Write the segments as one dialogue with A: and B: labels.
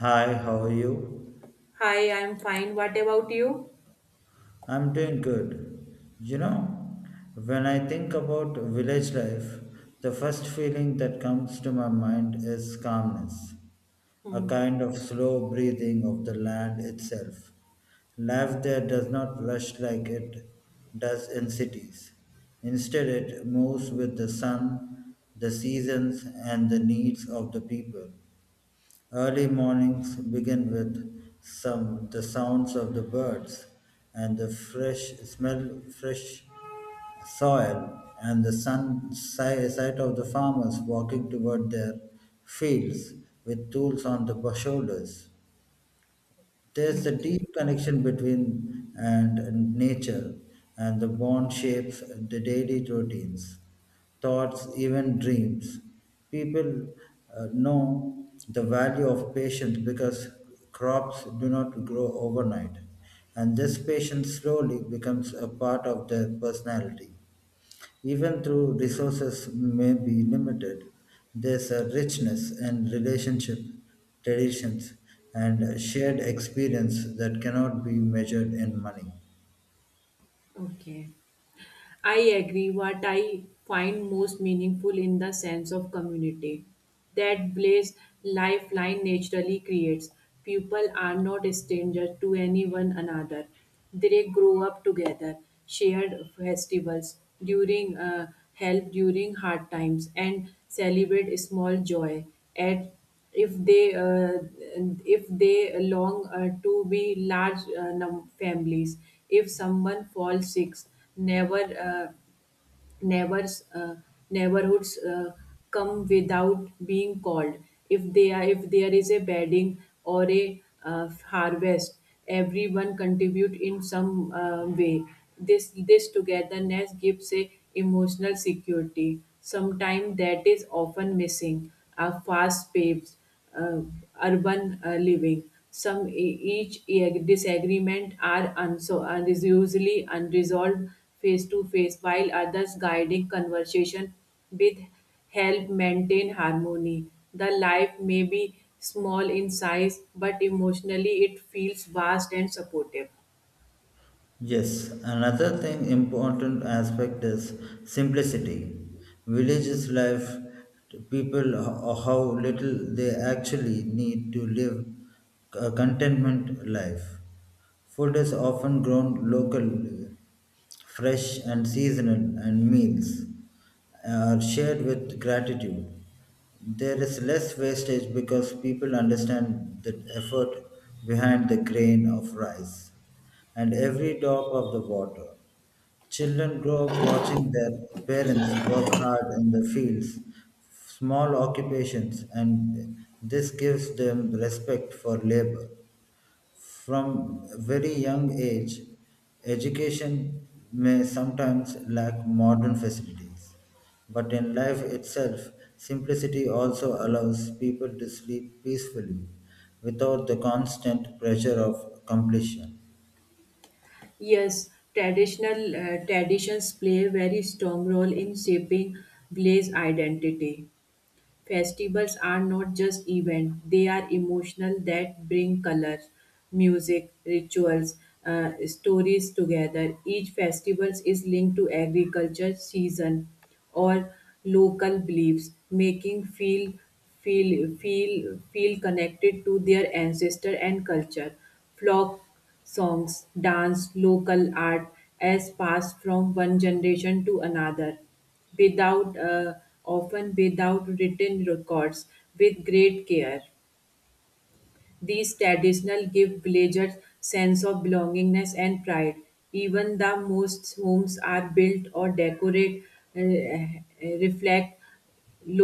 A: Hi, how are you?
B: Hi, I'm fine. What about you?
A: I'm doing good. You know, when I think about village life, the first feeling that comes to my mind is calmness, a
B: Hmm.
A: kind of slow breathing of the land itself. Life there does not rush like it does in cities. Instead, it moves with the sun, the seasons, and the needs of the people. Early mornings begin with some the sounds of the birds and the fresh smell fresh soil, and the sight of the farmers walking toward their fields with tools on the shoulders. There's a
B: Hmm.
A: deep connection between and nature, and the bond shapes the daily routines, thoughts, even dreams. People know the value of patience because crops do not grow overnight, and this patience slowly becomes a part of their personality. Even though resources may be limited, there's a richness in relationship, traditions, and shared experience that cannot be measured in money.
B: Okay, I agree. What I find most meaningful in the sense of community that blaze lifeline naturally creates. People are not strangers to anyone another. They grow up together, shared festivals during help during hard times, and celebrate small joy at if they uh, if they long to be large families if someone falls sick never uh, neighbors neighborhoods come without being called if they are if there is a bedding or a harvest everyone contribute in some way this togetherness gives a emotional security sometimes that is often missing are fast pace uh, urban living. Some each disagreement are and is usually unresolved face to face, while others guiding conversation with help maintain harmony. The life may be small in size, but emotionally it feels vast and supportive.
A: Yes, another thing important aspect is simplicity. Villages life, people how little they actually need to live a contentment life. Food is often grown locally, fresh and seasonal, and meals are shared with gratitude. There is less wastage because people understand the effort behind the grain of rice and every drop of the water. Children grow up watching their parents work hard in the fields, small occupations, and this gives them respect for labor. From very young age, education may sometimes lack modern facilities, but in life itself, simplicity also allows people to sleep peacefully without the constant pressure of completion.
B: Yes, traditional traditions play a very strong role in shaping village identity. Festivals are not just events, they are emotional that bring color, music, rituals, stories together. Each festival is linked to agriculture season or local beliefs, making feel feel connected to their ancestor and culture. Flock songs, dance, local art as passed from one generation to another without often without written records with great care these traditional give villagers sense of belongingness and pride even the most homes are built or decorate uh, reflect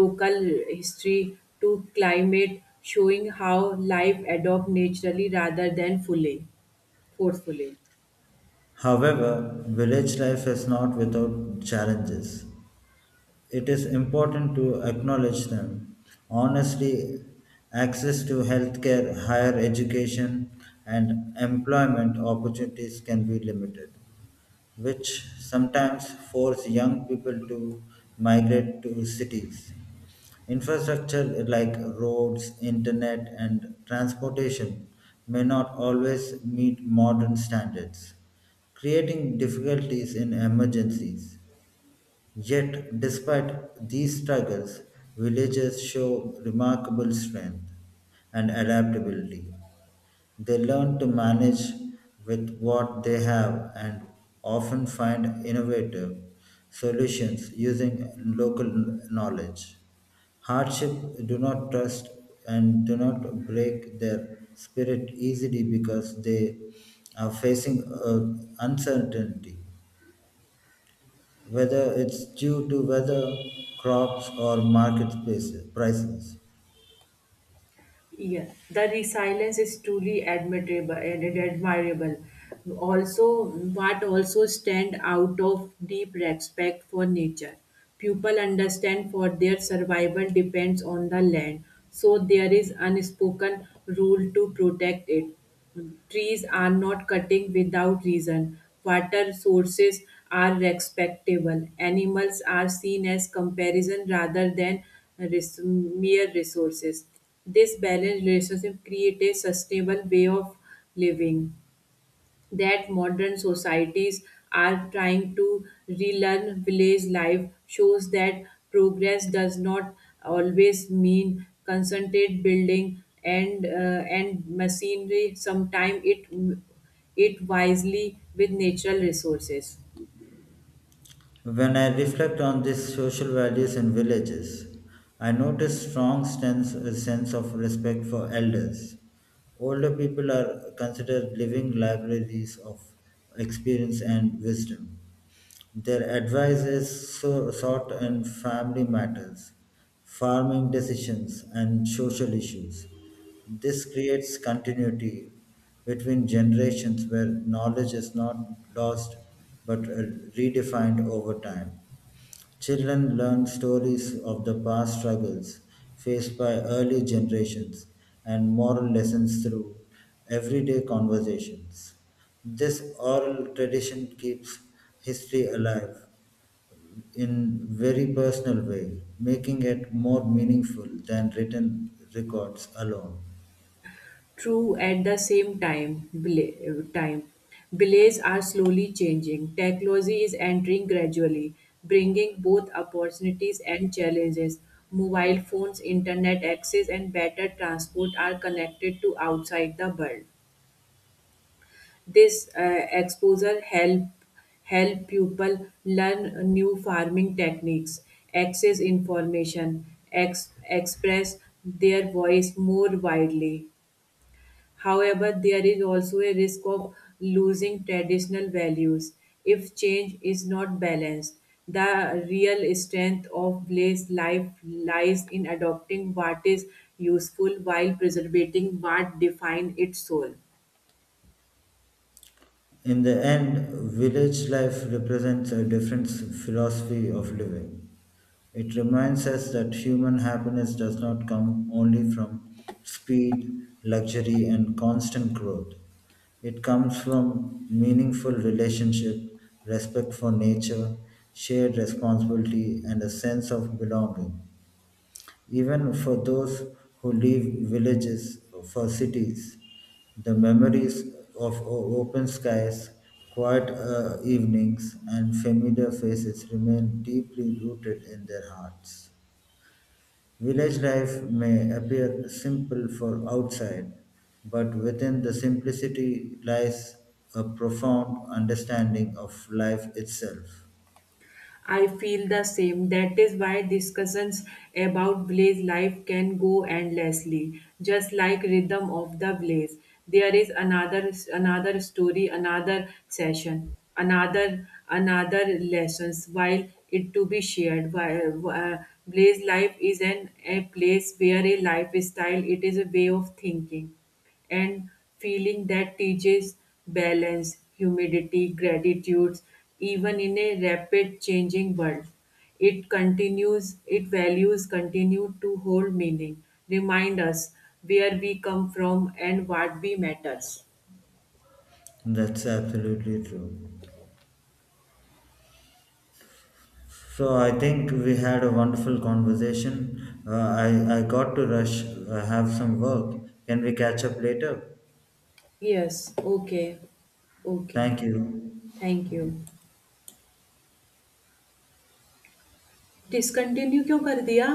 B: local history to climate showing how life adopt naturally rather than fully forcefully.
A: However, village life is not without challenges. It is important to acknowledge them. Honestly, access to healthcare, higher education, and employment opportunities can be limited which sometimes force young people to migrate to cities. Infrastructure like roads, internet, and transportation may not always meet modern standards, creating difficulties in emergencies. Yet, despite these struggles, villages show remarkable strength and adaptability. They learn to manage with what they have and often find innovative solutions using local knowledge. Hardship do not trust and do not break their spirit easily because they are facing uncertainty, whether it's due to weather, crops, or market spaces, prices.
B: Yeah, the resilience is truly admirable and admirable. Also, what also stand out of deep respect for nature. People understand for their survival depends on the land, so there is unspoken rule to protect it. Trees are not cutting without reason. Water sources are respectable. Animals are seen as comparison rather than mere resources. This balanced relationship creates a sustainable way of living that modern societies are trying to relearn. Village life shows that progress does not always mean concentrated building and machinery, sometimes it it wisely with natural resources.
A: When I reflect on these social values in villages, I notice strong sense, a sense of respect for elders. Older people are considered living libraries of experience and wisdom. Their advice is so sought in family matters, farming decisions, and social issues. This creates continuity between generations where knowledge is not lost but redefined over time. Children learn stories of the past struggles faced by early generations and moral lessons through everyday conversations. This oral tradition keeps history alive in very personal way, making it more meaningful than written records alone.
B: True, at the same time, time, belays are slowly changing. Technology is entering gradually, bringing both opportunities and challenges. Mobile phones, internet access, and better transport are connected to outside the world. This exposure help help people learn new farming techniques, access information, express their voice more widely. However, there is also a risk of losing traditional values if change is not balanced. The real strength of place life lies in adopting what is useful while preserving what defines its soul.
A: In the end, village life represents a different philosophy of living. It reminds us that human happiness does not come only from speed, luxury, and constant growth. It comes from meaningful relationship, respect for nature, shared responsibility, and a sense of belonging. Even for those who leave villages for cities, the memories of open skies, quiet evenings, and familiar faces remain deeply rooted in their hearts. Village life may appear simple for outside, but within the simplicity lies a profound understanding of life itself.
B: I feel the same. That is why discussions about blaze life can go endlessly, just like rhythm of the blaze. There is another story, another session, another lessons. While it to be shared, blaze life is an a place where a lifestyle. It is a way of thinking and feeling that teaches balance, humidity, gratitude, even in a rapid changing world. It continues, it values continue to hold meaning, remind us where we come from and what we matters.
A: That's absolutely true. So I think we had a wonderful conversation. Uh, I got to rush. I have some work. Can we catch up later?
B: Yes, okay, okay,
A: Thank you.
B: thank you. Discontinue क्यों कर दिया